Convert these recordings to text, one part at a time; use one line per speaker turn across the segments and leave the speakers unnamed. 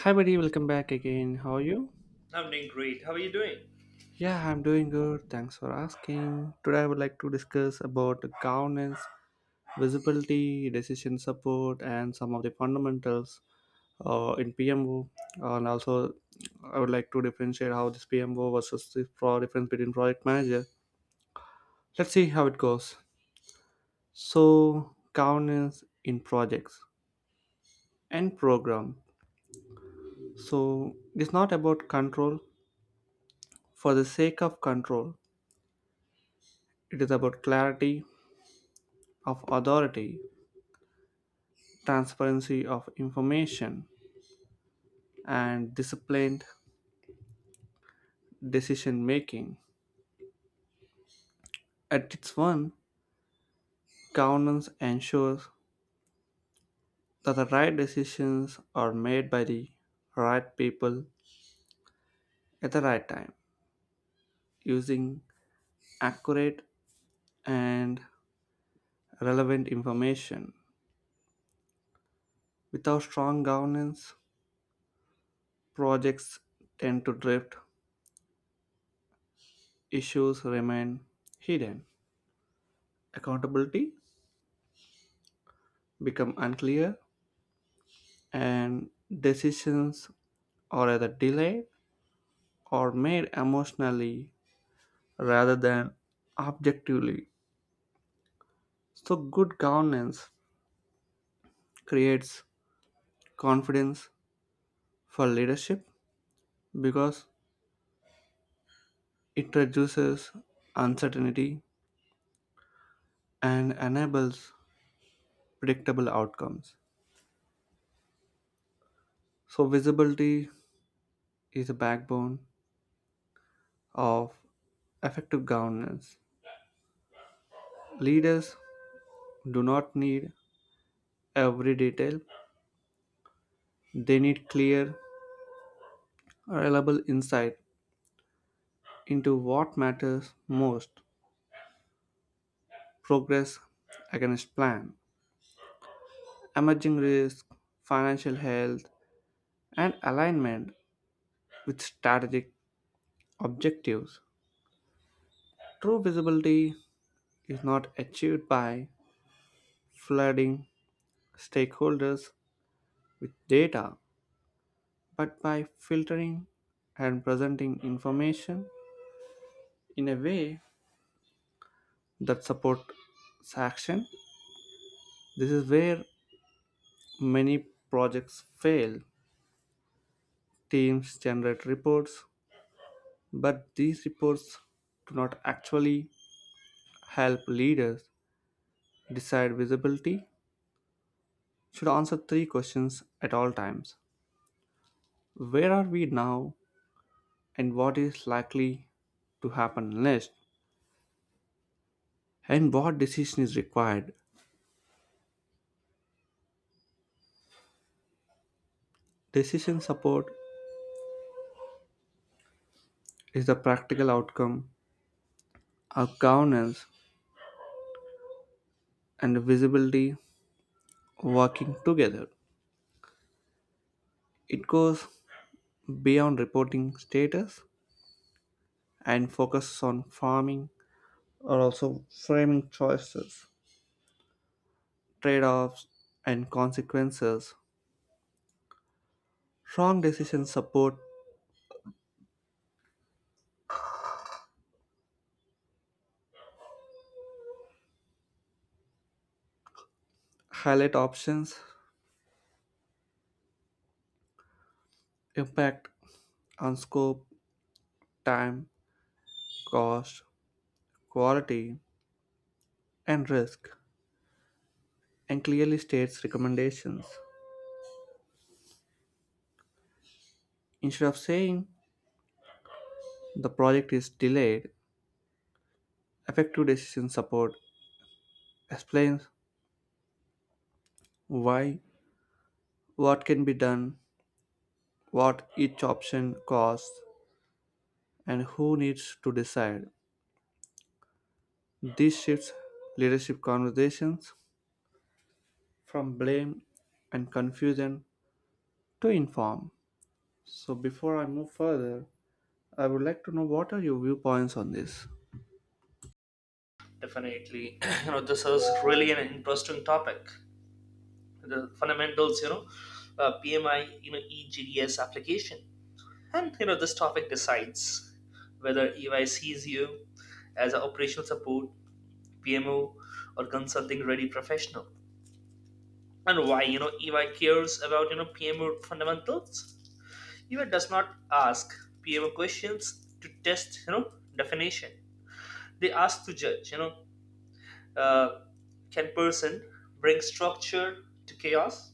Hi, buddy, welcome back again. How are you?
I'm doing great. How are you doing?
Yeah, I'm doing good. Thanks for asking. Today, I would like to discuss about governance, visibility, decision support, and some of the fundamentals in PMO. And also, I would like to differentiate how this PMO versus difference between project manager. Let's see how it goes. So, governance in projects and program. So, it's not about control for the sake of control. It is about clarity of authority, transparency of information, and disciplined decision making. At its one, governance ensures that the right decisions are made by the right people at the right time using accurate and relevant information. Without strong governance, projects tend to drift, issues remain hidden, accountability become unclear, and decisions are either delayed or made emotionally rather than objectively. So, good governance creates confidence for leadership because it reduces uncertainty and enables predictable outcomes. So, visibility is the backbone of effective governance. Leaders do not need every detail, they need clear reliable insight into what matters most, progress against plan, emerging risk, financial health, and alignment with strategic objectives. True visibility is not achieved by flooding stakeholders with data, but by filtering and presenting information in a way that supports action. This is where many projects fail. Teams generate reports, but these reports do not actually help leaders decide visibility. Should answer three questions at all times. Where are we now, and what is likely to happen next, and what decision is required? Decision support is the practical outcome of governance and visibility working together. It goes beyond reporting status and focuses on farming. Are also framing choices, trade offs, and consequences. Strong decisions support highlight options, impact on scope, time, cost, quality, and risk, and clearly states recommendations. Instead of saying the project is delayed, effective decision support explains why, what can be done, what each option costs, and who needs to decide. This shifts leadership conversations from blame and confusion to inform. So, before I move further, I would like to know what are your viewpoints on this?
Definitely. This is really an interesting topic. The fundamentals, PMI, EGDS application. This topic decides whether EY sees you as an operational support, PMO, or consulting ready professional. And why, you know, EY cares about, you know, PMO fundamentals. EY does not ask PMO questions to test, you know, definition. They ask to judge, uh, can person bring structure to chaos?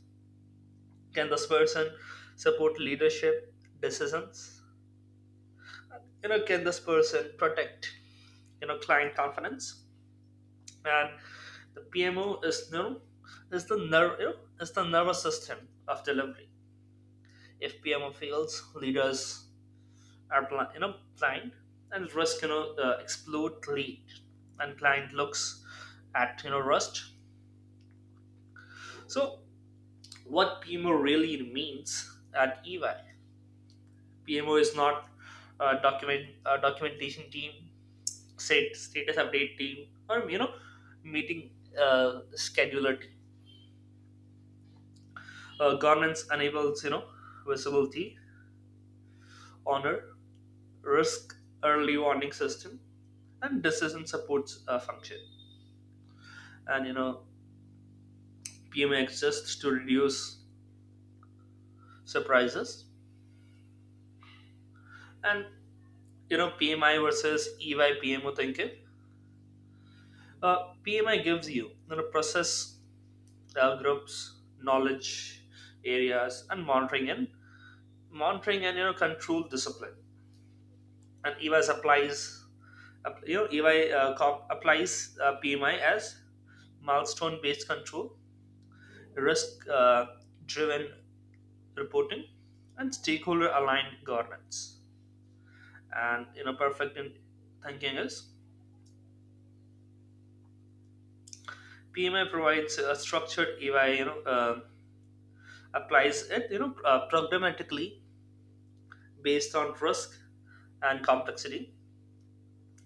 Can this person support leadership decisions? Can this person protect client confidence? And the PMO is no is the nervous system of delivery. If PMO fails, leaders are blind, and risk explode lead and client looks at rust. So what PMO really means at EY. PMO is not a documentation team, set status update team, or meeting scheduler team. Governance enables visibility, honor, risk, early warning system, and decision support function. And PMO exists to reduce surprises. And PMI versus EY PMO thinking. PMI gives you, process groups, knowledge areas, and monitoring and control discipline. And EVAS applies EY applies PMI as milestone based control, risk driven reporting, and stakeholder aligned governance. And perfect in thinking is PMI provides a structured EY applies it programmatically based on risk and complexity.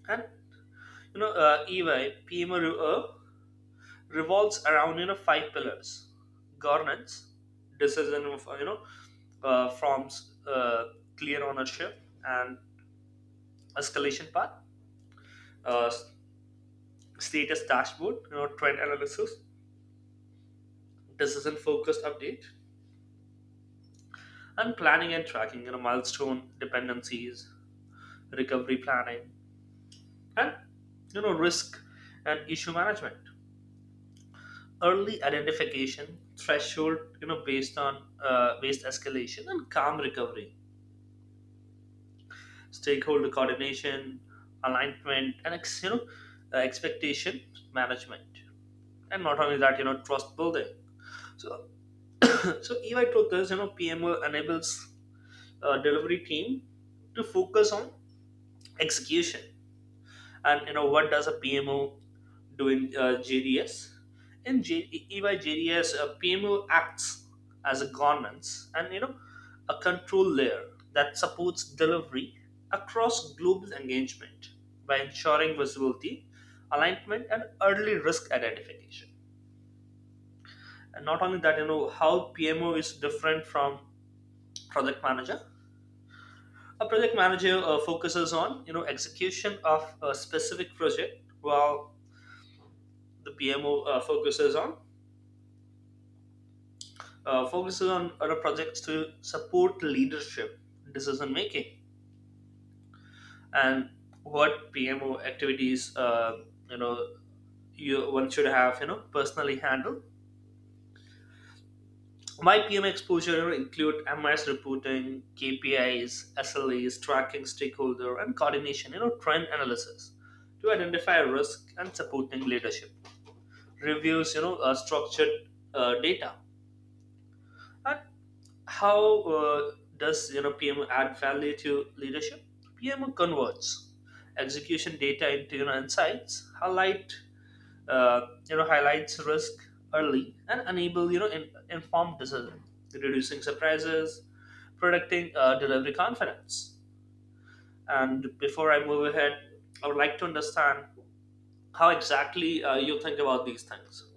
and EY re- uh, revolves around five pillars: governance, decision of forms, clear ownership, and escalation path, uh, status dashboard, trend analysis, decision focused update, and planning and tracking. Milestone dependencies, recovery planning, and risk and issue management, early identification threshold based on waste escalation and calm recovery, stakeholder coordination, alignment, and expectation management. And not only that, trust building. So so EY took this, PMO enables delivery team to focus on execution. And what does a PMO do in JDS? In EY, a PMO acts as a governance and a control layer that supports delivery across global engagement by ensuring visibility, alignment, and early risk identification. And not only that, how PMO is different from project manager. A project manager focuses on execution of a specific project, while the PMO focuses on other projects to support leadership decision making. And what PMO activities you know you one should have, personally handle. My PM exposure include MIS reporting, KPIs, SLAs, tracking stakeholder, and coordination. Trend analysis to identify risk and supporting leadership. Reviews, structured data. And how does PM add value to leadership? PM converts execution data into insights, uh, highlights risk early, and enable informed decision, reducing surprises, predicting delivery confidence. And before I move ahead, I would like to understand how exactly you think about these things.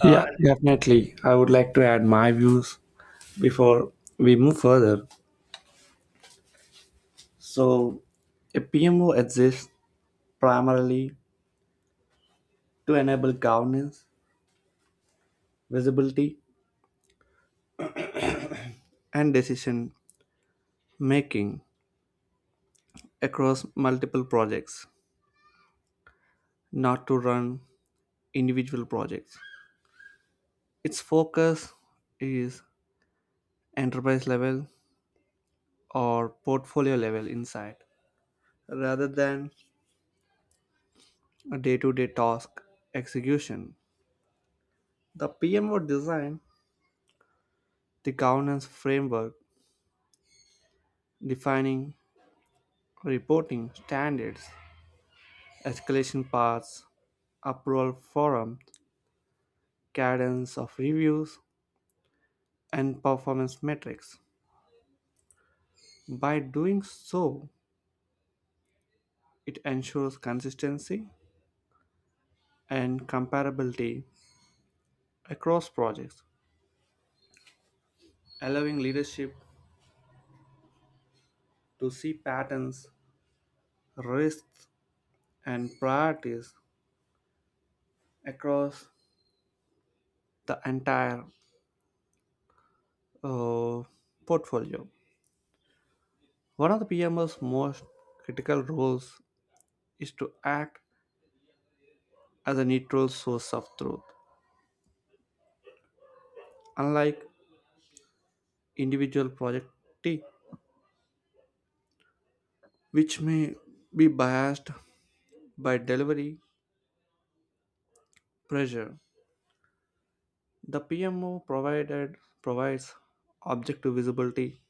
Uh,
Yeah,
and-
definitely. I would like to add my views before we move further. So, a PMO exists primarily to enable governance, visibility, and decision making across multiple projects, not to run individual projects. Its focus is enterprise-level or portfolio-level insight rather than day-to-day task execution. The PMO designed the governance framework defining reporting standards, escalation paths, approval forum, cadence of reviews, and performance metrics. By doing so, it ensures consistency and comparability across projects allowing leadership to see patterns, risks, and priorities across the entire uh, portfolio. One of the PM's most critical roles is to act as a neutral source of truth, unlike individual projectee, which may be biased by delivery pressure. The PMO provided provides objective visibility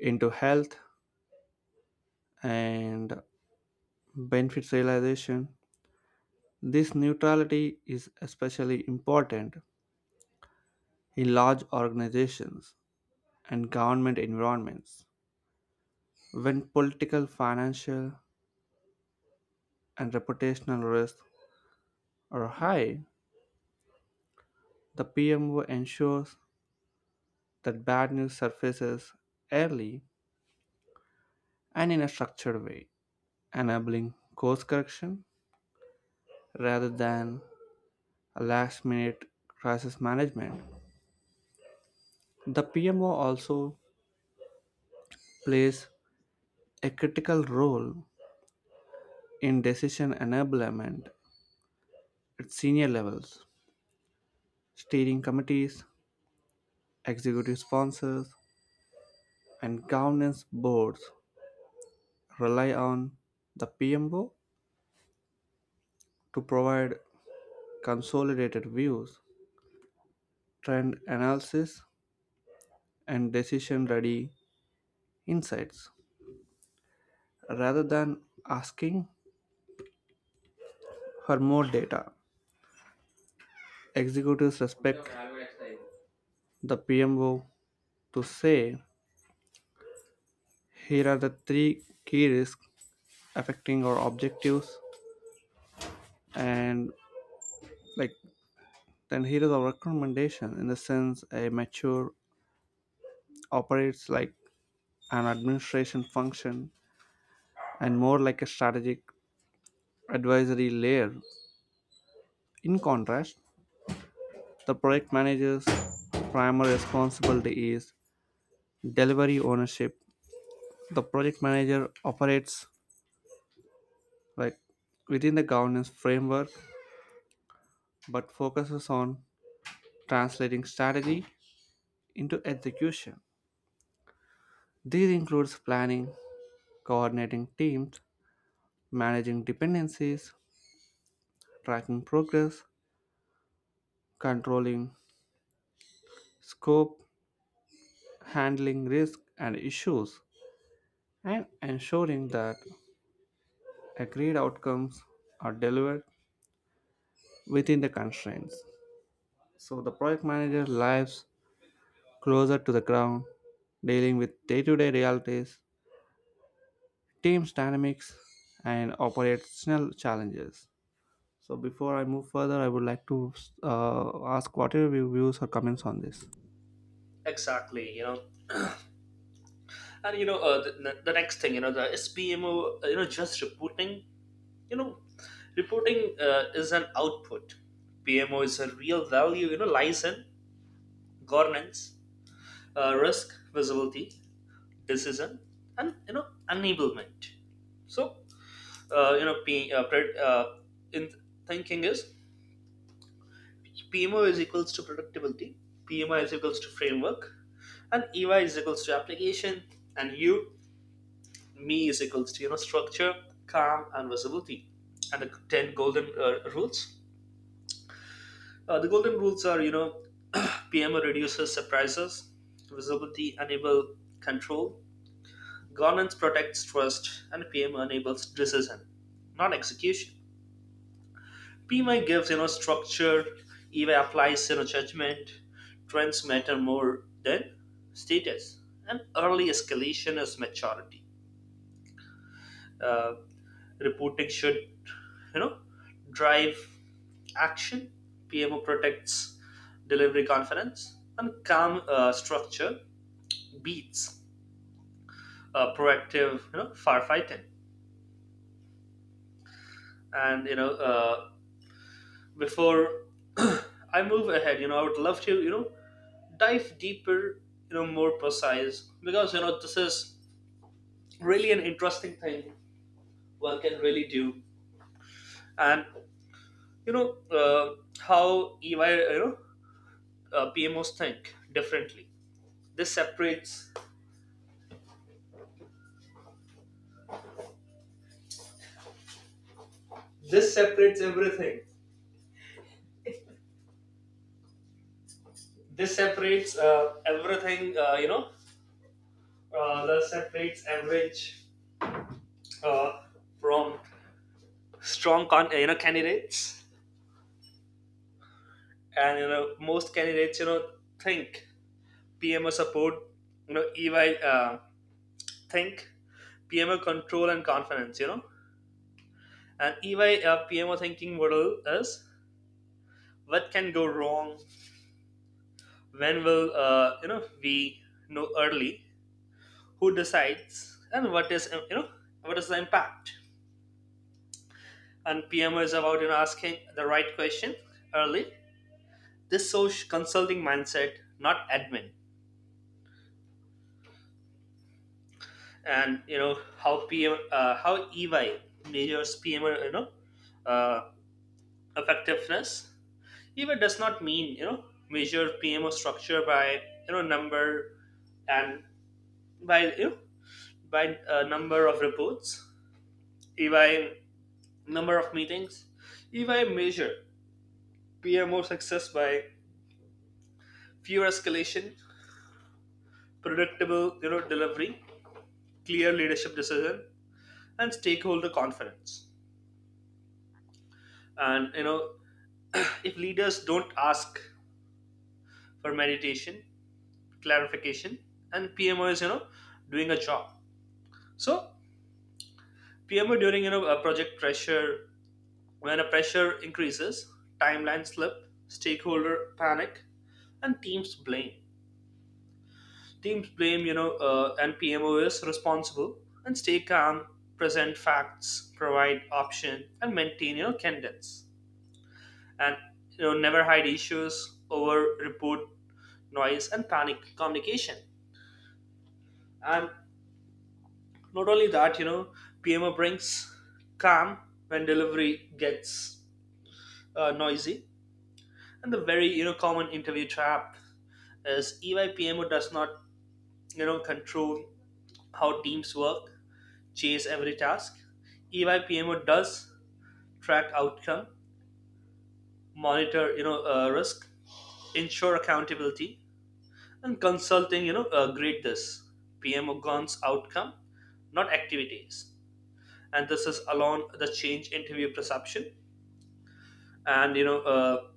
into health and benefits realization. This neutrality is especially important in large organizations and government environments. When political, financial, and reputational risks are high, the PMO ensures that bad news surfaces early and in a structured way, enabling course correction rather than a last minute crisis management. The PMO also plays a critical role in decision enablement at senior levels, steering committees, executive sponsors, and governance boards rely on the PMO to provide consolidated views, trend analysis, and decision ready insights. Rather than asking for more data, executives respect the PMO to say, here are the three key risks affecting our objectives and like, Then here is our recommendation. In the sense, a mature operates like an administration function and more like a strategic advisory layer. In contrast, the project manager's primary responsibility is delivery ownership. The project manager operates like within the governance framework but focuses on translating strategy into execution. These includes planning, coordinating teams, managing dependencies, tracking progress, controlling scope, handling risk and issues, and ensuring that agreed outcomes are delivered within the constraints. So the project manager lives closer to the ground, dealing with day to day realities, teams dynamics, and operational challenges. So before I move further, I would like to ask what are your views or comments on this?
exactly, you know. And the next thing, the SPMO, just reporting, you know, is an output. PMO is a real value, lies in governance, risk, visibility, decision, and, enablement. So, uh, you know, P, uh, pre- uh, in thinking is PMO is equals to productivity, PMI is equals to framework, and EY is equals to application, and U me is equals to structure, calm, and visibility, and the ten golden rules. The golden rules are PMO reduces surprises, visibility enable control, governance protects trust, and PMO enables decision, not execution. PMI gives structure, Eva applies judgment, trends matter more than status, and early escalation is maturity. Uh, reporting should you know drive action. PMO protects delivery confidence, and calm structure beats proactive firefighting. And you know uh, before I move ahead, I would love to dive deeper, more precise, because this is really an interesting thing one can really do. And you know how EY PMOs think differently, this separates this separates everything this separates everything you know that separates average uh, from strong candidates. And most candidates think PMO support, EY uh, think PMO control and confidence, and EY PMO thinking model is: what can go wrong, when will we know early, who decides, and what is the impact. And PMO is about asking the right question early. This social consulting mindset, not admin. And how EY measures PMO uh, effectiveness. EY does not mean measure PMO structure by you know number and by you know, by number of reports, ey number of meetings. EY measure PMO success by fewer escalation, predictable delivery, clear leadership decision, and stakeholder confidence. And if leaders don't ask for meditation, clarification, and PMO is doing a job. So PMO during a project pressure, when a pressure increases, timeline slip, stakeholder panic, and teams blame, and PMO is responsible and stay calm, present facts, provide option, and maintain, cadence. And, never hide issues, over report noise, and panic communication. And not only that, PMO brings calm when delivery gets noisy. And the very, common interview trap is EY PMO does not, control how teams work, chase every task. EY PMO does track outcome, monitor risk, ensure accountability, and consulting grade this PMO guns outcome, not activities. And this is along the change interview perception. And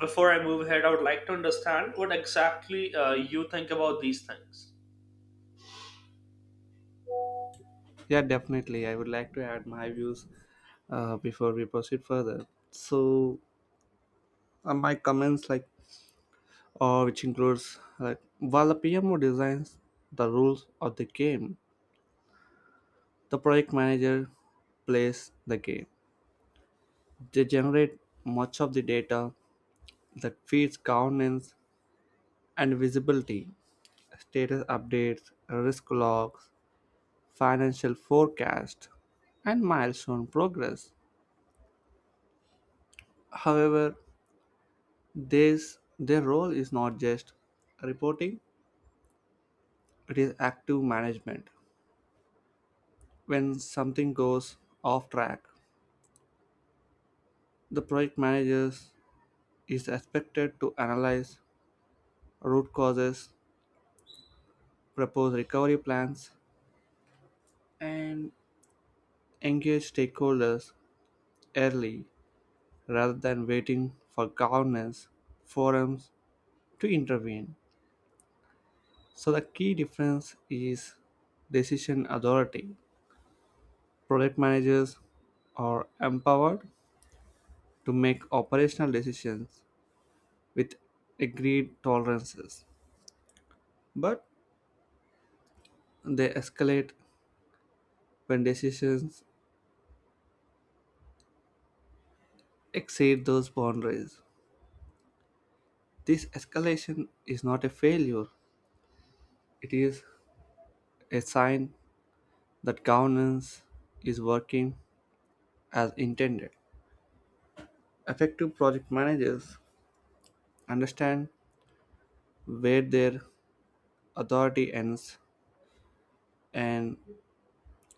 before I move ahead, I would like to understand what exactly you think about these things.
Yeah, definitely. I would like to add my views before we proceed further. So my comments like or which includes like while the PMO designs the rules of the game, the project manager plays the game. They generate much of the data that feeds governance and visibility, status updates, risk logs, financial forecast, and milestone progress. However, this their role is not just reporting. It is active management. When something goes off track, the project manager is expected to analyze root causes, propose recovery plans, and engage stakeholders early rather than waiting for governance forums to intervene. So, the key difference is decision authority. Project managers are empowered to make operational decisions with agreed tolerances, but they escalate when decisions exceed those boundaries. This escalation is not a failure, it is a sign that governance is working as intended. Effective project managers understand where their authority ends and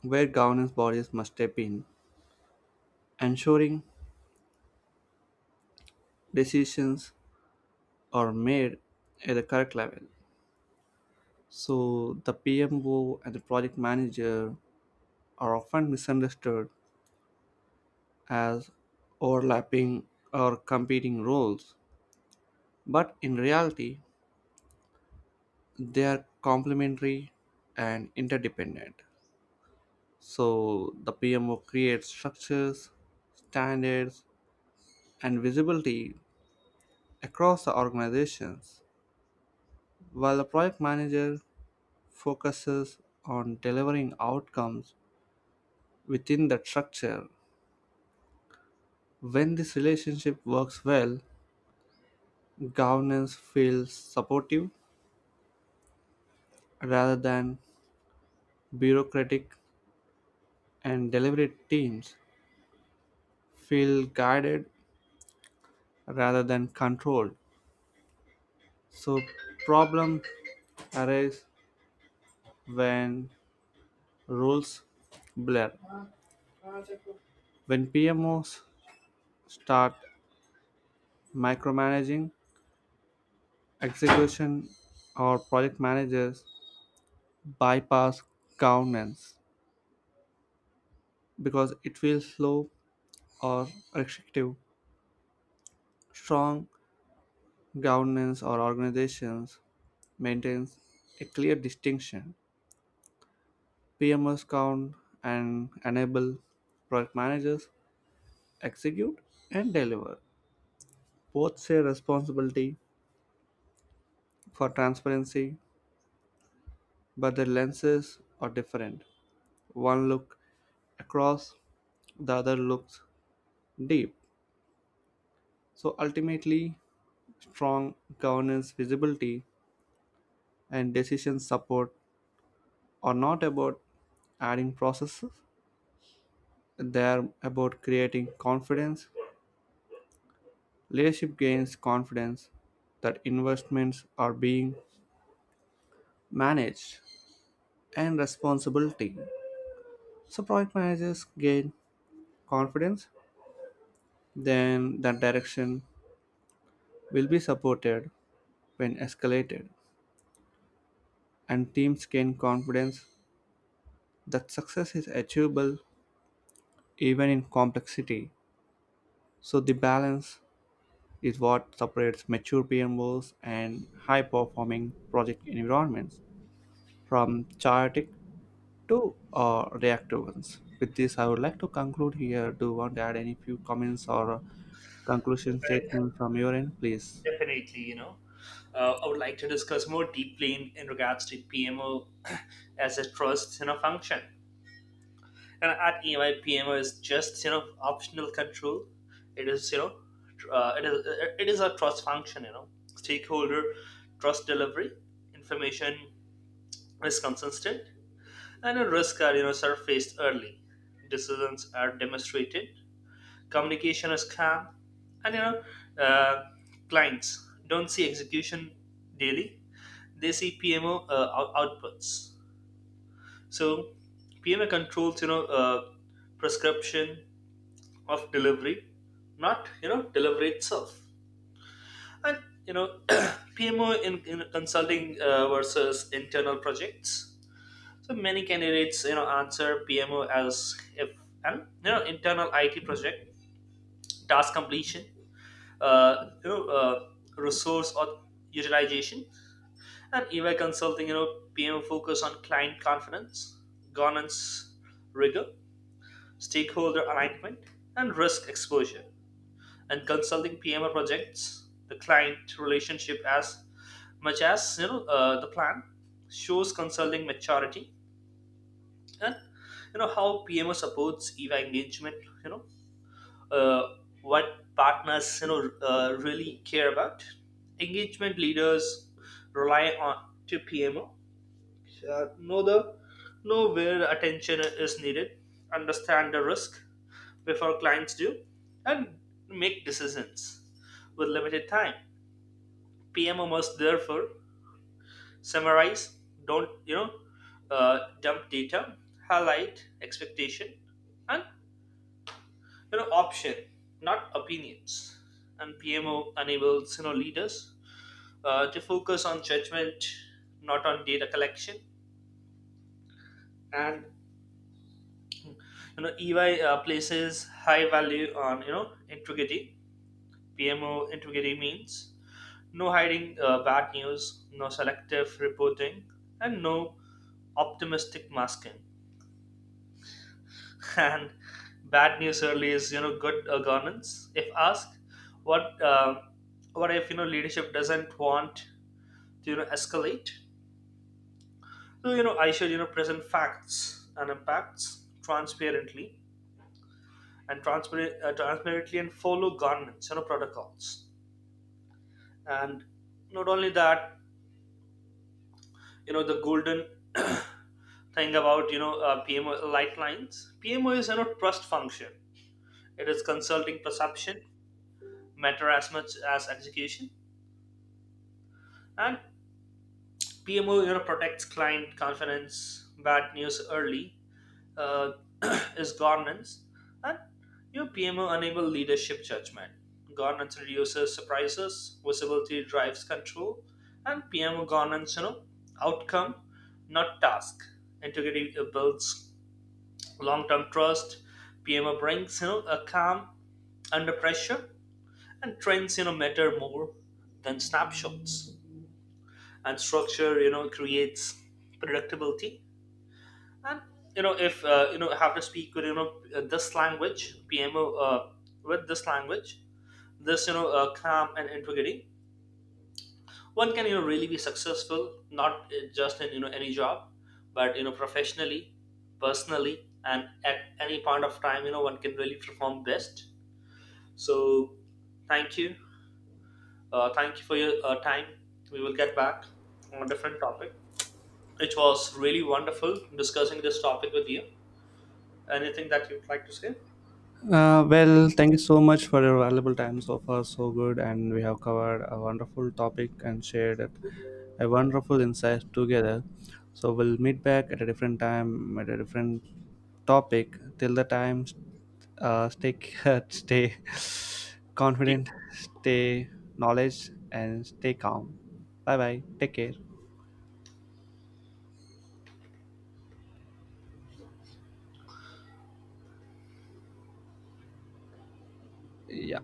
where governance bodies must step in, ensuring decisions are made at the correct level. So the PMO and the project manager are often misunderstood as overlapping or competing roles, but in reality, they are complementary and interdependent. So the PMO creates structures, standards, and visibility across the organizations, while the project manager focuses on delivering outcomes within that structure. When this relationship works well, governance feels supportive rather than bureaucratic, and delivery teams feel guided rather than controlled. So problem arise when rules blur. When PMOs start micromanaging execution or project managers bypass governance because it feels slow or restrictive. Strong governance or organizations maintains a clear distinction. PMs count and enable, product managers execute and deliver. Both share responsibility for transparency, but their lenses are different. One look across, the other looks deep. So ultimately, strong governance visibility and decision support are not about adding processes, they are about creating confidence. Leadership gains confidence that investments are being managed and responsibility. So project managers gain confidence, then that direction will be supported when escalated, and teams gain confidence that success is achievable even in complexity. So the balance is what separates mature PMOs and high performing project environments from chaotic to reactive ones. With this, I would like to conclude here. Do you want to add any few comments or conclusion statement from your end, please?
Definitely, you know. I would like to discuss more deeply in regards to PMO as a trust function. And at EMI, PMI is just optional control. It is it is a trust function. Stakeholder trust delivery, information is consistent, and a risk are surfaced early. Decisions are demonstrated. Communication is calm, and uh, clients don't see execution daily. They see PMO outputs. So PMO controls prescription of delivery, not delivery itself. And you know PMO in consulting versus internal projects. So many candidates answer PMO as if and internal IT project task completion, uh, you know uh, resource or utilization, and EY consulting PMO focus on client confidence, governance rigor, stakeholder alignment, and risk exposure. And consulting PMO projects, the client relationship as much as the plan, shows consulting maturity. And how PMO supports EY engagement. You know what partners really care about. Engagement leaders rely on to PMO know the know where attention is needed, understand the risk before clients do, and make decisions with limited time. PMO must therefore summarize, don't dump data, highlight expectation, and option, not opinions. And PMO enables leaders to focus on judgment, not on data collection. And EY places high value on integrity. PMO integrity means no hiding bad news, no selective reporting, and no optimistic masking. And bad news early is good governance. If asked what uh, what if leadership doesn't want to escalate, so I should present facts and impacts transparently and follow governance protocols. And not only that, the golden thing about PMO light lines: PMO is trust function, it is consulting perception, matter as much as execution, and PMO, protects client confidence, bad news early, uh, is governance, and PMO enable leadership judgment. Governance reduces surprises, visibility drives control, and PMO governance, outcome, not task. Integrity builds long-term trust. PMO brings a calm under pressure, and trends matter more than snapshots. And structure creates predictability. And if have to speak with this language, this you know calm and integrity, one can really be successful, not just in any job, but professionally, personally, and at any point of time, one can really perform best. So thank you. Uh, thank you for your time. We will get back on a different topic. It was really wonderful discussing this topic with you. Anything that you'd like to say?
Well, thank you so much for your valuable time so far. So good, and we have covered a wonderful topic and shared it, a wonderful insight together. So we'll meet back at a different time at a different topic. Till the time, stay stay confident, stay knowledge, and stay calm. Bye bye. Take care. Yeah.